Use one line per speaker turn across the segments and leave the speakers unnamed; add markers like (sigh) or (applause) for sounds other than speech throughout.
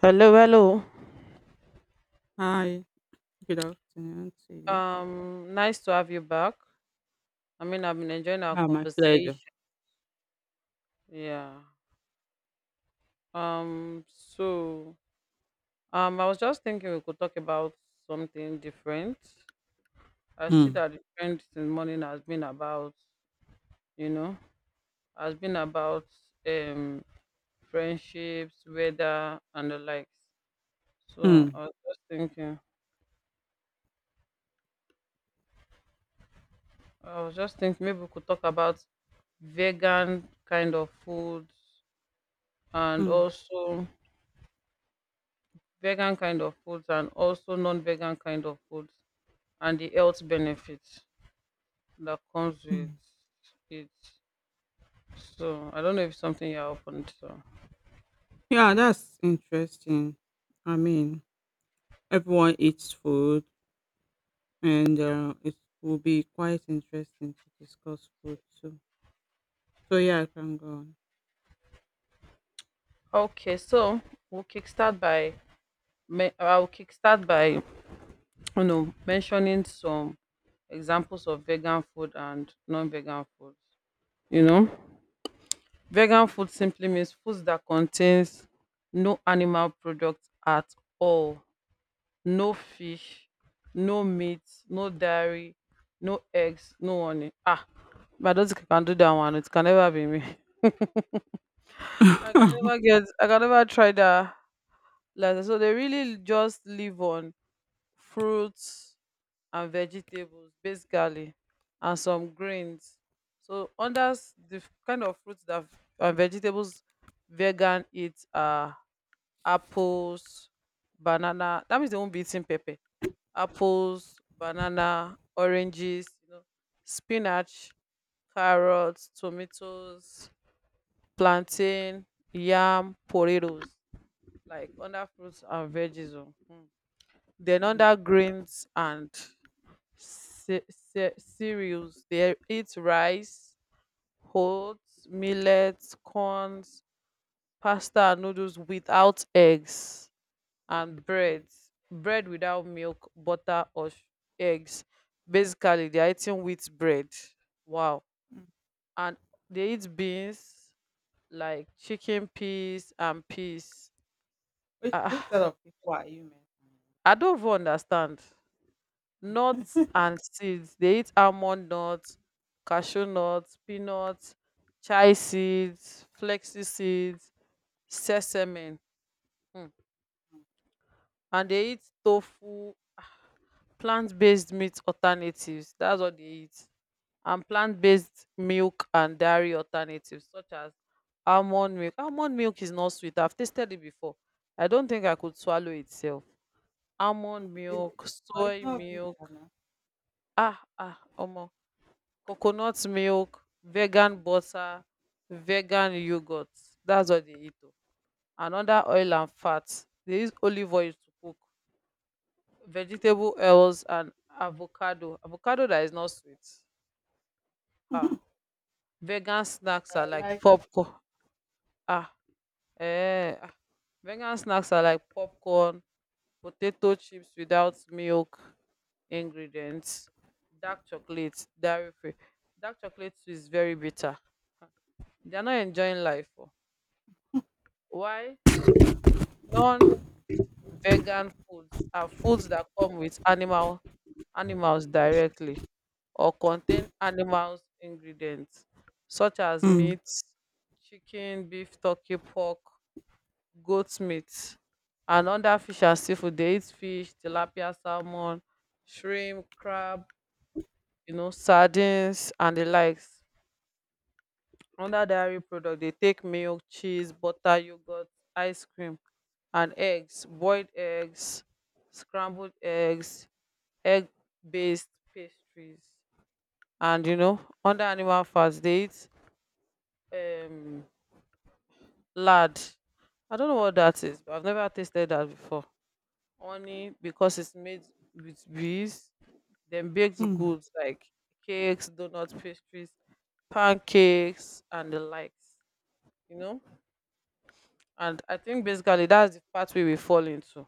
Hello, hello.
Hi, good afternoon to you.
Nice to have you back. I mean, I've been enjoying our
Ah, my pleasure.
conversation. Yeah. So I was just thinking we could talk about something different. I see
Mm,
that the trend since morning has been you know, about um friendships, weather and the likes. So
mm,
I was just thinking maybe we could talk about vegan kind of food and
mm,
also vegan kind of foods and also non-vegan kind of foods and the health benefits that comes with
mm.
it. So I don't know if it's something you're open to.
Yeah, that's interesting. I mean, everyone eats food, and it will be quite interesting to discuss food too. So yeah, I can go on.
Okay, so we'll kickstart by me- I'll kickstart by you know mentioning some examples of vegan food and non-vegan foods. You know, vegan food simply means foods that contains no animal products at all, no fish, no meat, no dairy, no eggs, no honey. Ah, but I don't think I can do that one. It can never be me. (laughs) I can
(laughs)
never get, I can never try that. Like, so they really just live on fruits and vegetables basically, and some grains. So under kind of fruits and vegetables vegan eat are apples, banana. That means they won't be eating pepper. Apples, banana, oranges, you know, spinach, carrots, tomatoes, plantain, yam, potatoes, like under fruits and veggies. Oh. Mm. Then
Mm,
under grains and cereals, they eat rice, oats, millets, corns, pasta, and noodles without eggs. And
mm,
bread, bread without milk, butter, or eggs. Basically they are eating wheat bread. Wow.
mm.
And they eat beans, like chicken peas and peas.
Which
Ah,
sort of people are you meant
I don't even understand. Nuts and seeds, they eat almond nuts, cashew nuts, peanuts, chai seeds, flexi seeds, sesame. Hmm. And they eat tofu, plant-based meat alternatives. That's what they eat. And plant-based milk and dairy alternatives such as almond milk. Almond milk is not sweet. I've tasted it before. I don't think I could swallow itself.
to
Almond
be? (laughs) Is it?
milk,
But it's
soy
not big
milk,
now.
ah ah, omo, coconut milk, vegan butter, vegan yogurt. That's what they eat. Oh. And other oil and fat. They use olive oil to cook. Vegetable oils and avocado. Avocado that is not sweet. Ah.
(laughs)
Vegan snacks
I
are like
like it.
popcorn. Ah. Eh, ah, vegan snacks are like popcorn, potato chips without milk ingredients, dark chocolate, dairy free. Dark chocolate too is very bitter. Ah, they are not enjoying life. Oh. Why? Non-vegan foods are foods that come with animal, animals directly, or contain animals ingredients such as
Mm,
meat, chicken, beef, turkey, pork, goat meat, and other fish and seafood. They eat fish, tilapia, salmon, shrimp, crab, you know, sardines and the likes. Under dairy product, they take milk, cheese, butter, yogurt, ice cream, and eggs, boiled eggs, scrambled eggs, egg-based pastries. And you know, under animal fats, they eat um lard. I don't know what that is, but I've never tasted that before. Honey, because it's made with bees. Then baked
mm.
goods like cakes, donuts, pastries, pancakes, and the likes. You know, and I think basically that's the part we will fall into.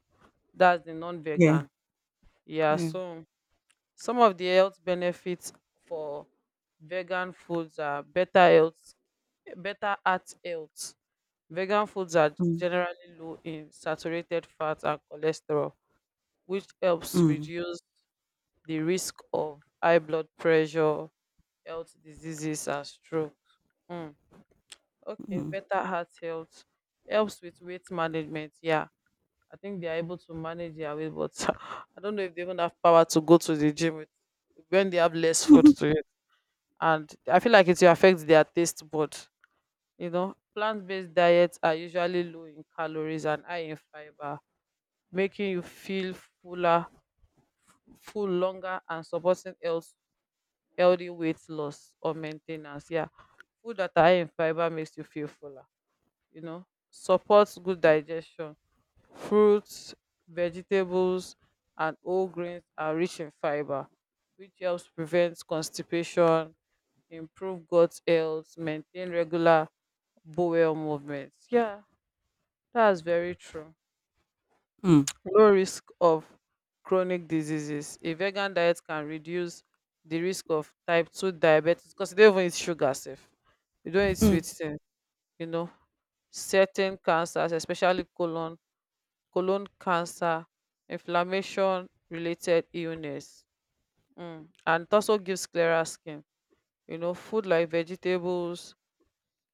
That's the
Yeah,
non-vegan. Yeah.
yeah.
So some of the health benefits for vegan foods are better health, better heart health. Vegan foods are
Mm,
generally low in saturated fat and cholesterol, which helps
mm,
reduce the risk of high blood pressure, health diseases, and stroke. Mm. Okay,
mm.
better heart health helps with weight management. Yeah, I think they are able to manage their weight, but (laughs) I don't know if they even have power to go to the gym with, when they have less food
(laughs)
to eat. And I feel like it will affect their taste bud. You know, plant based diets are usually low in calories and high in fiber, making you feel fuller, full longer, and supporting healthy weight loss or maintenance. Yeah, food that are high in fiber makes you feel fuller. You know, supports good digestion. Fruits, vegetables, and whole grains are rich in fiber, which helps prevent constipation, improve gut health, maintain regular bowel movements. Yeah, that's very true.
Mhm.
Low risk of chronic diseases. A vegan diet can reduce the risk of type 2 diabetes, because you don't even eat sugar sef. You don't eat sweet
Mm.
things, you know. Certain cancers, especially colon cancer, inflammation related illness. Mm. And it also gives clearer skin. You know, food like vegetables,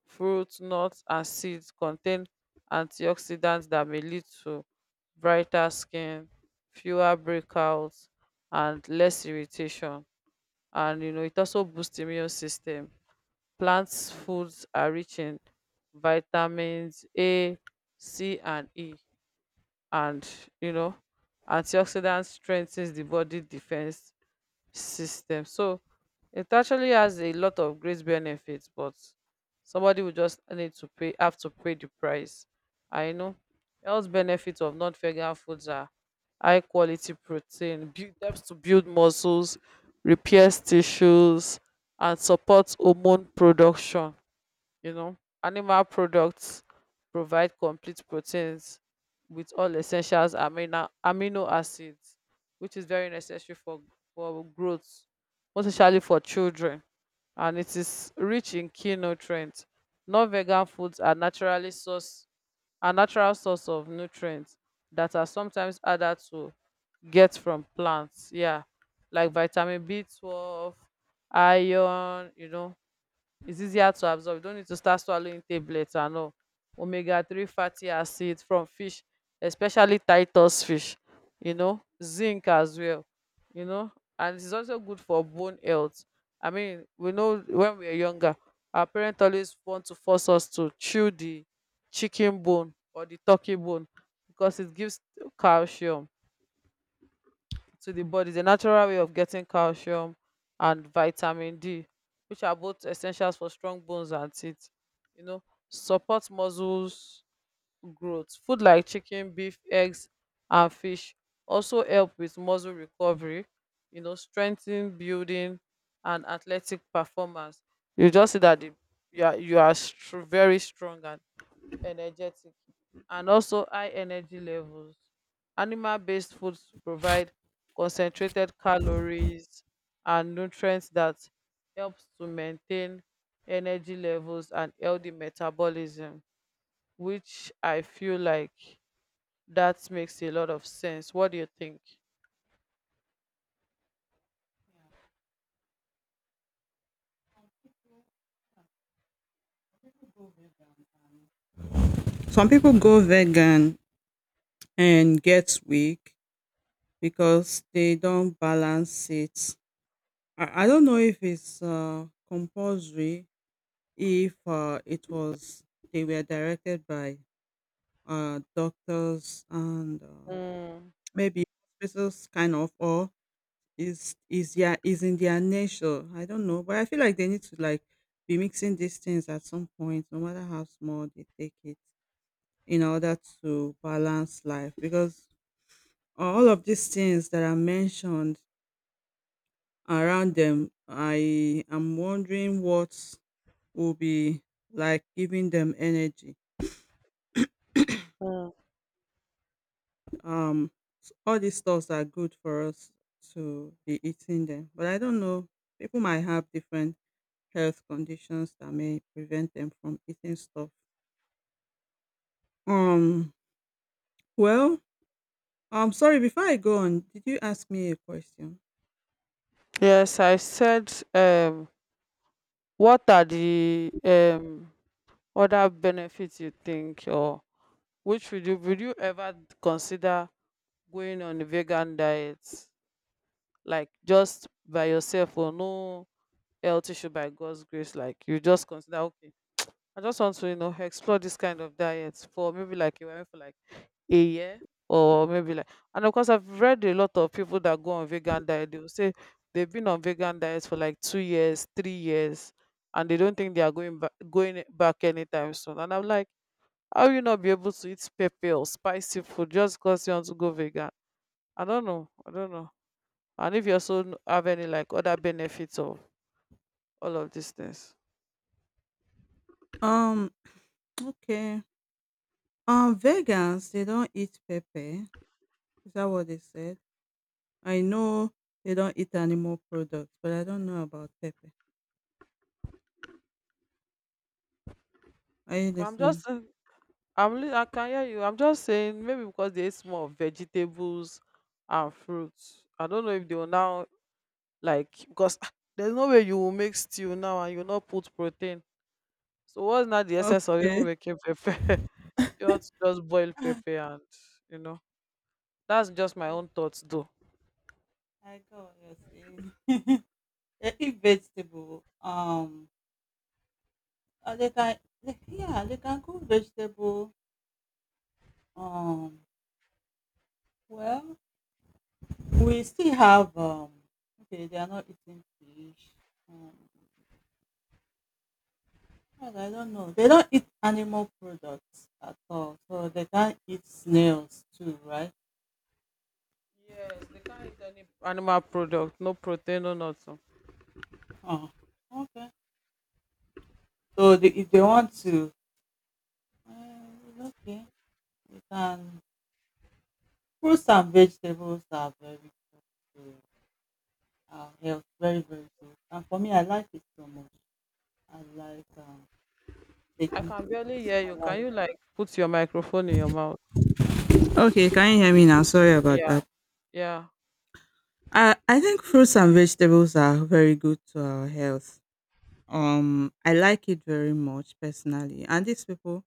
fruits, nuts, and seeds contain antioxidants that may lead to brighter skin, fewer breakouts, and less irritation. And you know, it also boosts immune system. Plants
Mm.
foods are rich in vitamins A, C, and E, and you know, antioxidants strengthens the body defense system. So it actually has a lot of great benefits, but somebody will just need to pay have to pay the price. I know. Health benefits of non-vegan foods are high quality protein, helps to build muscles, repairs tissues, and supports hormone production. You know, animal products provide complete proteins with all essentials amino acids, which is very necessary for growth, most especially for children. And it is rich in key nutrients. Non-vegan foods are naturally source a natural source of nutrients that are sometimes harder to get from plants. Yeah, like vitamin B 12, iron. You know, it's easier to absorb. You don't need to start swallowing tablets and all. Omega 3 fatty acid from fish, especially Titus fish, you know, zinc as well, you know, and it's also good for bone health. I mean, we know when we are younger, our parents always want to force us to chew the chicken bone or the turkey bone because it gives calcium to the body. Is a natural way of getting calcium and vitamin D, which are both essentials for strong bones and teeth. You know, support muscles growth. Food like chicken, beef, eggs, and fish also help with muscle recovery. You know, strengthen building and athletic performance. You just see that the, you are very strong and energetic, and also high energy levels. Animal based foods provide concentrated calories and nutrients that helps to maintain energy levels and healthy metabolism, which I feel like that makes a lot of sense. What do you think?
Some people go vegan and get weak because they don't balance it. I don't know if it's compulsory, if it was they were directed by doctors and
Mm,
maybe hospitals kind of, or is, yeah, is in their nature. I don't know, but I feel like they need to like be mixing these things at some point, no matter how small they take it, in order to balance life, because all of these things that are mentioned around them, I am wondering what will be like giving them energy.
mm.
Um s- all these stuffs are good for us to be eating them, but I don't know, people might have different health conditions that may prevent them from eating stuff. um well, I'm sorry, before I go on, did you ask me a question?
Yes, I said what are the other benefits you think, or which would you ever consider going on a vegan diet, like just by yourself, or no health issue by god's grace, like you just consider, okay, I just want to you know explore this kind of diet for maybe like you went for like a year or maybe like. And of course I've read a lot of people that go on vegan diet. They will say they've been on vegan diets for like 2 years, 3 years, and they don't think they are going back anytime soon. And I'm like, how will you not be able to eat pepper or spicy food just because you want to go vegan? I don't know. And if you also have any like other benefits of all of these things.
um okay. Vegans, they don't eat pepper. Is that what they said? I know they don't eat animal products, but I don't know about pepper. Are you
i'm just
listening?
saying- I can hear you. I'm just saying maybe because they eat more of vegetables and fruits, I don't know if they will now, like, because ah, there's no way you will make stew now and you will not put protein. So what's not the essence of even
Okay.
making pepper? (laughs) Just boil
(laughs)
pepper and you know, that's just my own thoughts though.
I go. You're saying. (laughs) They eat vegetable. Yeah, they can cook vegetable. Um, well, we still have. Okay, they are not eating fish. Um, God, I don't know. They don't eat animal products at all, so they can't eat snails too, right?
Yes, they can't eat any animal product, no protein, no nothing.
Oh, okay. So they, if they want to, okay, we can. Fruits and vegetables are very good to our health. Very, very good. And for me, I like it so much. I like
I
taking.
can barely hear
I
you. Can
like
you like put your microphone in your mouth?
Okay, can you hear me now? Sorry about
Yeah,
that.
yeah.
I think fruits and vegetables are very good to our health. I like it very much personally. And these people,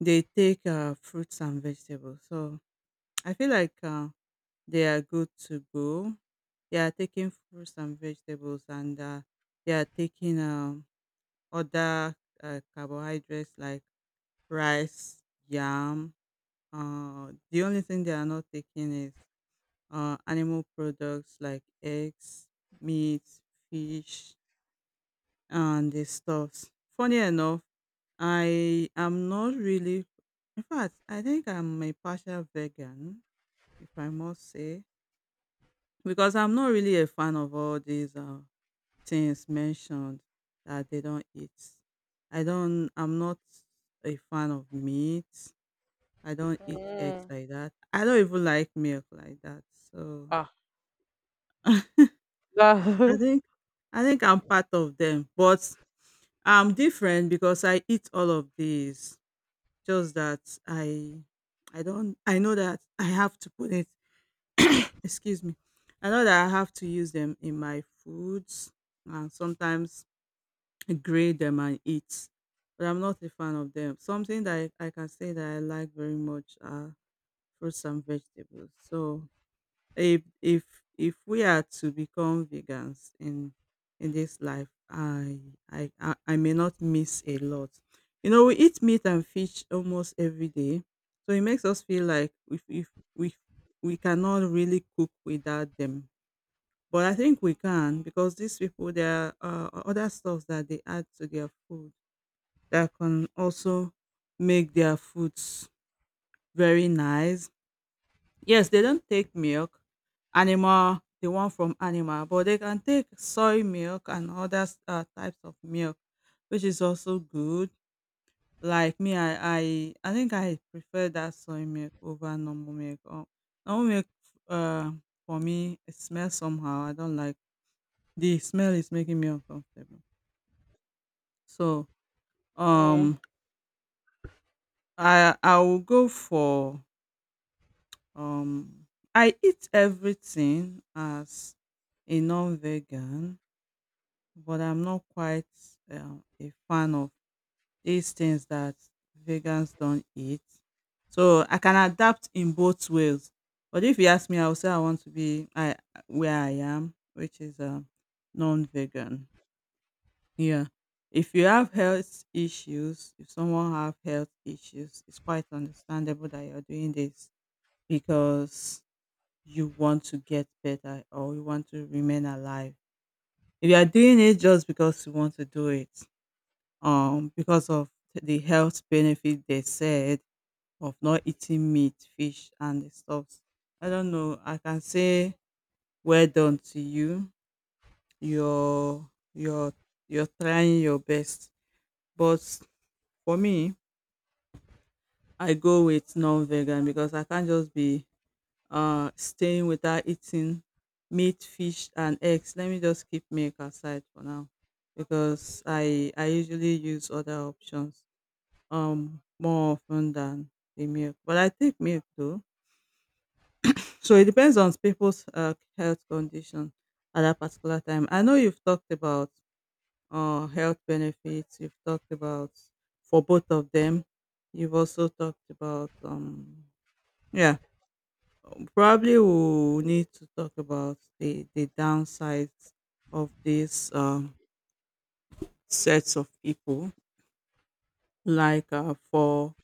they take fruits and vegetables. So (tsk) I feel like they are good to go. They are taking fruits and vegetables, and they are taking other carbohydrates like rice, yam. The only thing they are not taking is animal products like eggs, meat, fish, and the stuffs. Funny enough, I am not really, in fact, I think I'm a partial vegan, if I must say, because I'm not really a fan of all these things mentioned that they don't eat. I'm not a fan of meat. I don't eat eggs
Mm.
like that. I don't even like milk like that. So
Ah,
(laughs) I
that.
think, I think I'm part of them, but I'm different because I eat all of these. Just that I don't I know that I have to put it (coughs) excuse me. I know that I have to use them in my foods and sometimes grate them and eat. But I'm not a fan of them. Something that I can say that I like very much are fruits and vegetables. So if if if we are to become vegans in this life, I may not miss a lot. You know, we eat meat and fish almost every day, so it makes us feel like if we we cannot really cook without them. But I think we can, because these people, there are other stuff that they add to their food that can also make their foods very nice. Yes, they don't take milk, animal, the one from animal, but they can take soy milk and other types of milk, which is also good. Like me, I think I prefer that soy milk over normal milk. Normal milk, uh, for me, it smells somehow. I don't like the smell is making me uncomfortable. So
(laughs)
um,
mm.
I will go for um. I eat everything as a non-vegan, but I'm not quite a fan of these things that vegans don't eat. So I can adapt in both ways. But if you ask me, I will say I want to be I where I am, which is non-vegan. Yeah. If you have health issues, if someone have health issues, it's quite understandable that you're doing this because you want to get better or you want to remain alive. If you are doing it just because you want to do it, because of the health benefit they said of not eating meat, fish, and the stuff. I don't know. I can say well done to you. You're you're you're trying your best. But for me, I go with non-vegan, because I can't just be staying without eating meat, fish, and eggs. Let me just keep milk aside for now because I usually use other options. More often than the milk. But I take milk though. So it depends on people's health condition at that particular time. I know you've talked about health benefits, you've talked about for both of them. You've also talked about, yeah, probably we'll need to talk about the downsides of these sets of people. Like for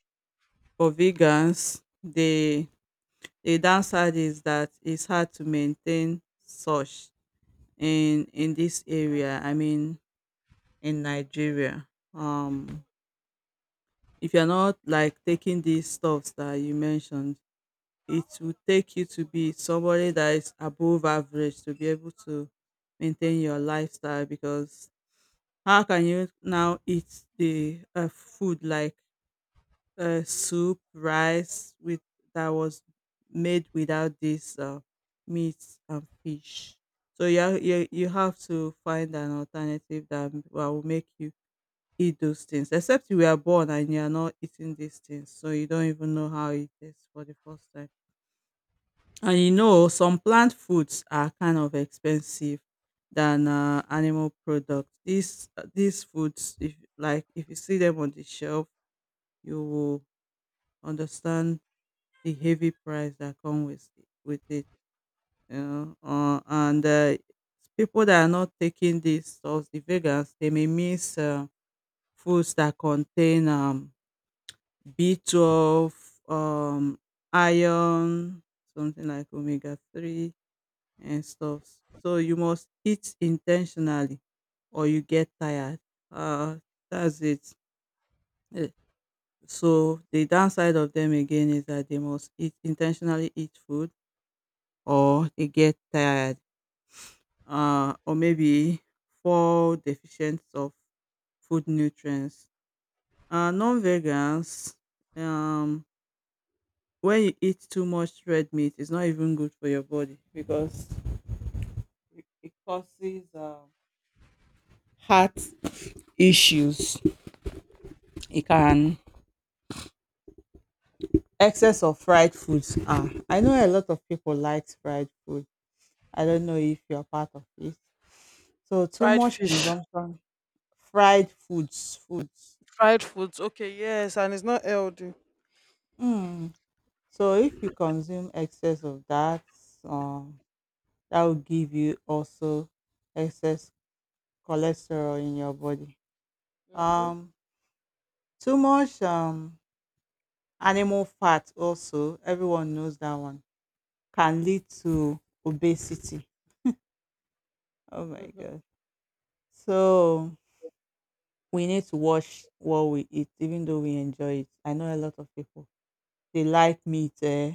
for vegans, the downside is that it's hard to maintain such in this area. I mean, in Nigeria, um, if you're not like taking these stuffs that you mentioned, it will take you to be somebody that is above average to be able to maintain your lifestyle. Because how can you now eat the food like soup, rice with that was made without this meat and fish. So you, you have to find an alternative that will make you eat those things. Except you were born and you are not eating these things, so you don't even know how it tastes for the first time. And you know some plant foods are kind of expensive than animal products. These foods, if like if you see them on the shelf, you will understand the heavy price that come with it, you know. And people that are not taking these stuff, the vegans, they may miss foods that contain B12, um, iron, something like omega-3 and stuff. So you must eat intentionally, or you get tired. Uh, that's it. Eh, So the downside of them again is that they must eat intentionally eat food or they get tired, or maybe fall deficient of food nutrients. Non-vegans, um, when you eat too much red meat, it's not even good for your body because it causes heart issues. It can excess of fried foods. Ah, I know a lot of people like fried food. I don't know if you're part of it. So too
Fried
much
fish,
consumption, fried foods, foods.
fried foods. Okay, yes, and it's not healthy.
Hmm. So if you consume excess of that, um, that will give you also excess cholesterol in your body.
Mm-hmm.
Um, too much animal fat also, everyone knows that one, can lead to obesity. Oh my god. So we need to watch what we eat, even though we enjoy it. I know a lot of people they like meat, eh?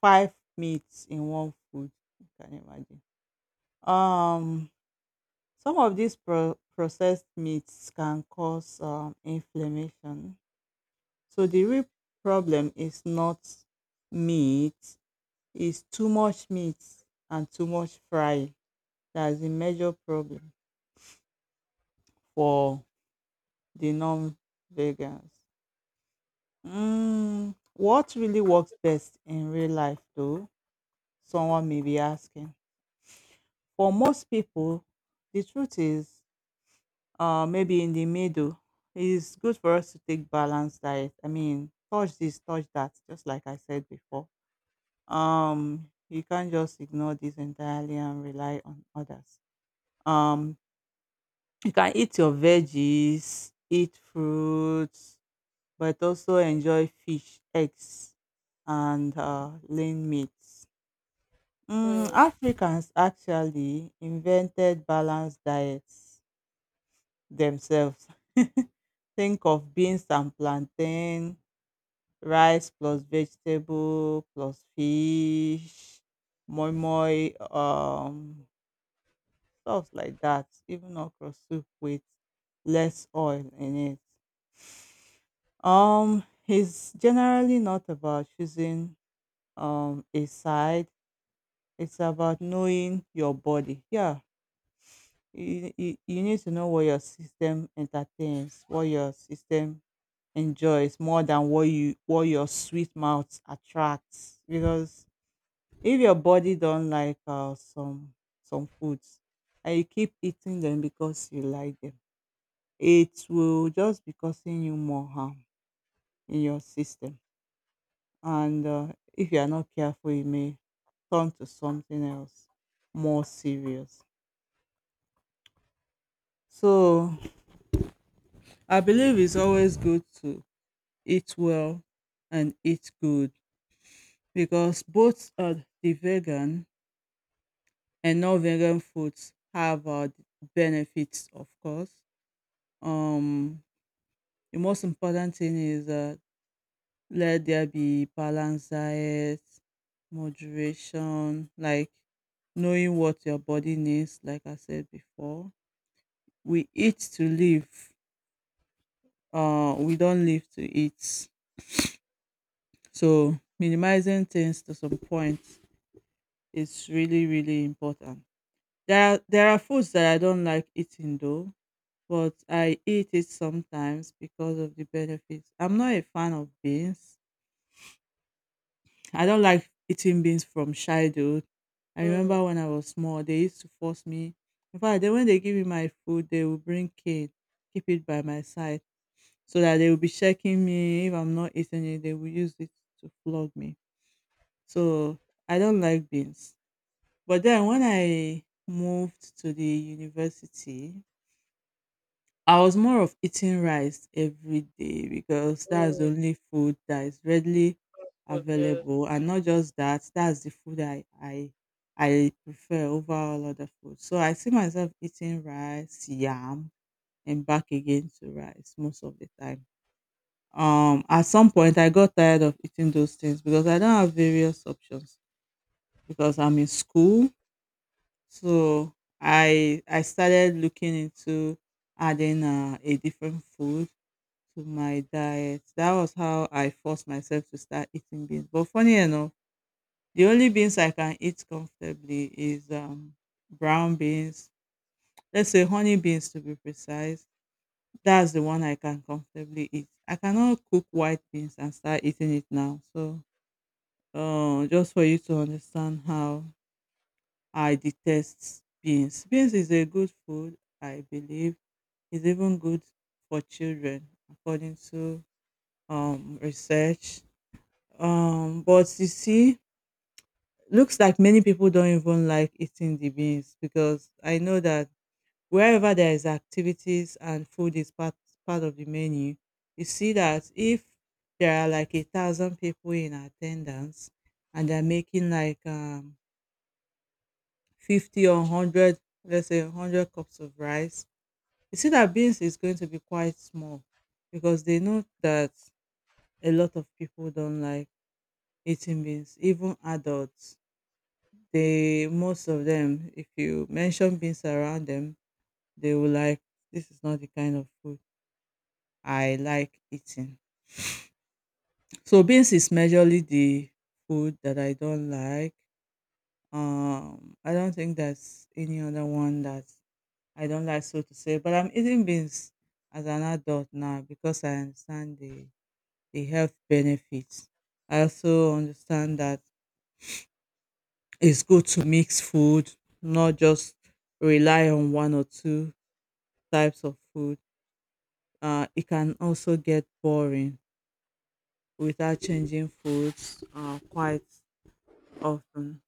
Five meats in one food. You can imagine. Um Some of these processed meats can cause inflammation. So the real problem is not meat, it's too much meat and too much frying. That's the major problem for the non-vegans. What really works best in real life, though? Someone may be asking. For most people, the truth is maybe in the middle. It's good for us to take balanced diet. I mean, touch this, touch that, just like I said before. You can't just ignore this entirely and rely on others. Um, you can eat your veggies, eat fruits, but also enjoy fish, eggs, and lean meats.
Mm,
Africans actually invented balanced diets themselves. (laughs) Think of beans and plantain, rice plus vegetable plus fish, moi moi, stuff like that. Even okra soup with less oil in it. Um, it's generally not about choosing a side. It's about knowing your body. Yeah, you need to know what your system entertains what your system enjoys more than what your sweet mouth attracts, because if your body don't like some foods and you keep eating them because you like them, it will just be causing you more harm in your system. And if you are not careful, it may turn to something else more serious. So I believe it's always good to eat well and eat good, because both the vegan and non-vegan foods have benefits, of course. um the most important thing is let there be balanced diet, moderation, like knowing what your body needs. Like I said before, we eat to live, we don't live to eat. So minimizing things to some point is really really important. There are foods that I don't like eating though, but I eat it sometimes because of the benefits. I'm not a fan of beans. I don't like eating beans from childhood. I remember
mm,
when I was small, they used to force me. In fact, they, when they give me my food, they will bring cane, keep it by my side, so that they will be checking me. If I'm not eating it, they will use it to flog me. So I don't like beans. But then when I moved to the university, I was more of eating rice every day, because that's the
mm.
only food that is readily
Good, yes.
available. And not just that, that's the food I prefer over all other food. So I see myself eating rice, yam, and back again to rice most of the time. At some point, I got tired of eating those things because I don't have various options, because I'm in school. So I started looking into adding a different food to my diet. That was how I forced myself to start eating beans. But funny enough, the only beans I can eat comfortably is brown beans. Let's say honey beans, to be precise. That's the one I can comfortably eat. I cannot cook white beans and start eating it now. So, just for you to understand how I detest beans. Beans is a good food, I believe. It's even good for children, according to research. But you see, looks like many people don't even like eating the beans, because I know that wherever there is activities and food is part of the menu, you see that if there are like 1,000 people in attendance and they're making like 50 or 100, let's say 100 cups of rice, you see that beans is going to be quite small, because they know that a lot of people don't like eating beans. Even adults, they most of them, if you mention beans around them, they will like, this is not the kind of food I like eating. So beans is majorly the food that I don't like. I don't think there's any other one that I don't like, so to say. But I'm eating beans as an adult now, because I understand the health benefits. I also understand that it's good to mix food, not just rely on one or two types of food. It can also get boring without changing foods, quite often.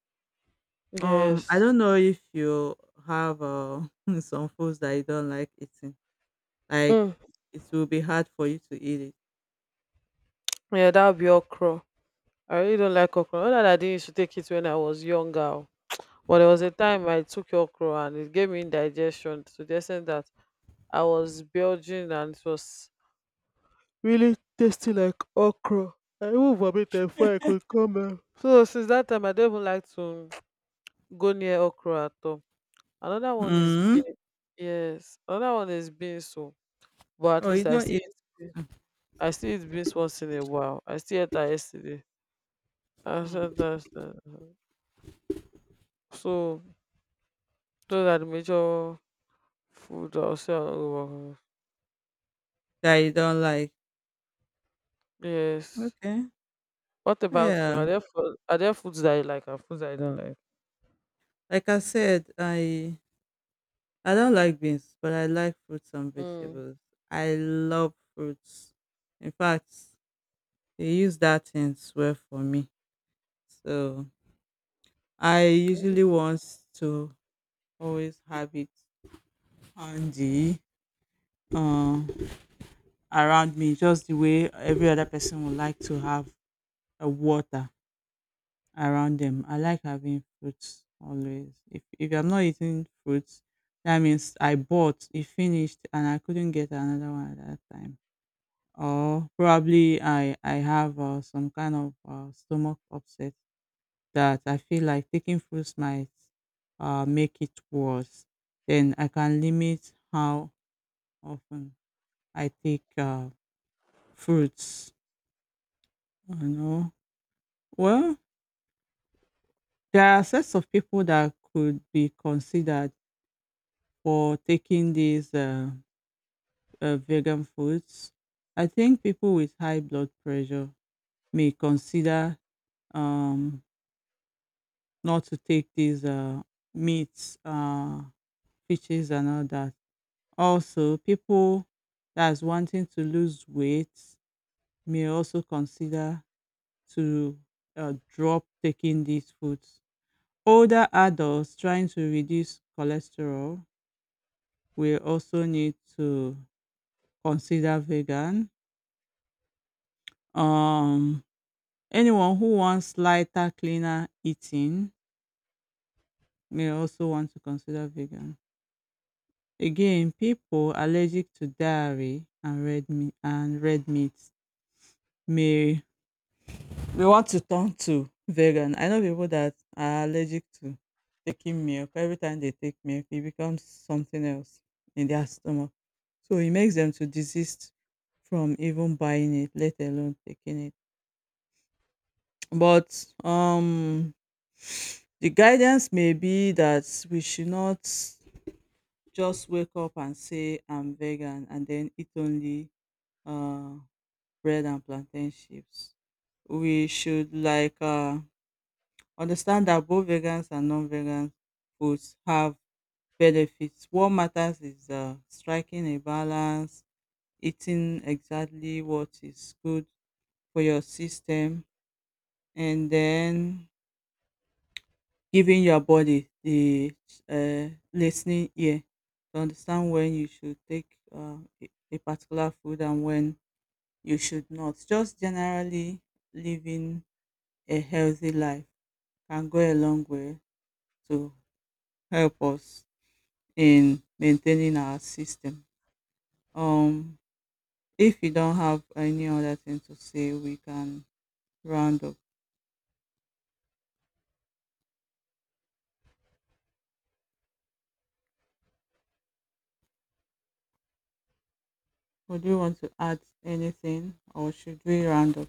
I
Yes.
don't know if you have (laughs) some foods that you don't like eating. Like
Mm.
it will be hard for you to eat it.
Yeah, that would be okra. I really don't like okra. Not that I didn't used to take it when I was younger. Oh. But there was a time I took okra and it gave me indigestion to the extent that I was belching and it was really tasty like okra. I even vomited before I could come back. So since that time, I don't even like to go near okra at all. Another one is
Mm.
bean. Yes, another one is beans. So, but at
Oh, you
least I
don't
still
eat.
eat. bean- I still eat beans once in a while. I still ate that yesterday. I said
Mm.
that's so. Those are the major food I'll say. I don't go-
That you don't like.
Yes.
Okay.
What about you?
Yeah.
Are are there foods that you like and foods that you don't like?
Like I said, I don't like beans, but I like fruits and
Mm.
vegetables. I love fruits. In fact, they use that in swear for me. So I usually want to always have it handy, uh, around me, just the way every other person would like to have a water around them. I like having fruits always. If I'm not eating fruits, that means I bought it finished and I couldn't get another one at that time. Or probably I have some kind of stomach upset that I feel like taking fruits might make it worse. Then I can limit how often I take fruits. You know, well, there are sets of people that could be considered for taking these vegan foods. I think people with high blood pressure may consider um, not to take these meats, fishes, and all that. Also, people that's wanting to lose weight may also consider to drop taking these foods. Older adults trying to reduce cholesterol will also need to consider vegan. Um, Anyone who wants lighter, cleaner eating may also want to consider vegan. Again, people allergic to dairy and red meat may. We want to turn to vegan. I know people that are allergic to taking milk. Every time they take milk, it becomes something else in their stomach. So it makes them to desist from even buying it, let alone taking it. But the guidance may be that we should not just wake up and say I'm vegan and then eat only uh bread and plantain chips. We should, like, understand that both vegans and non-vegan foods have benefits. What matters is striking a balance, eating exactly what is good for your system, and then giving your body the listening ear to understand when you should take a particular food and when you should not. Just generally living a healthy life can go a long way to help us in maintaining our system. Um, if you don't have any other thing to say, we can round up. Would you want to add anything, or should we round up?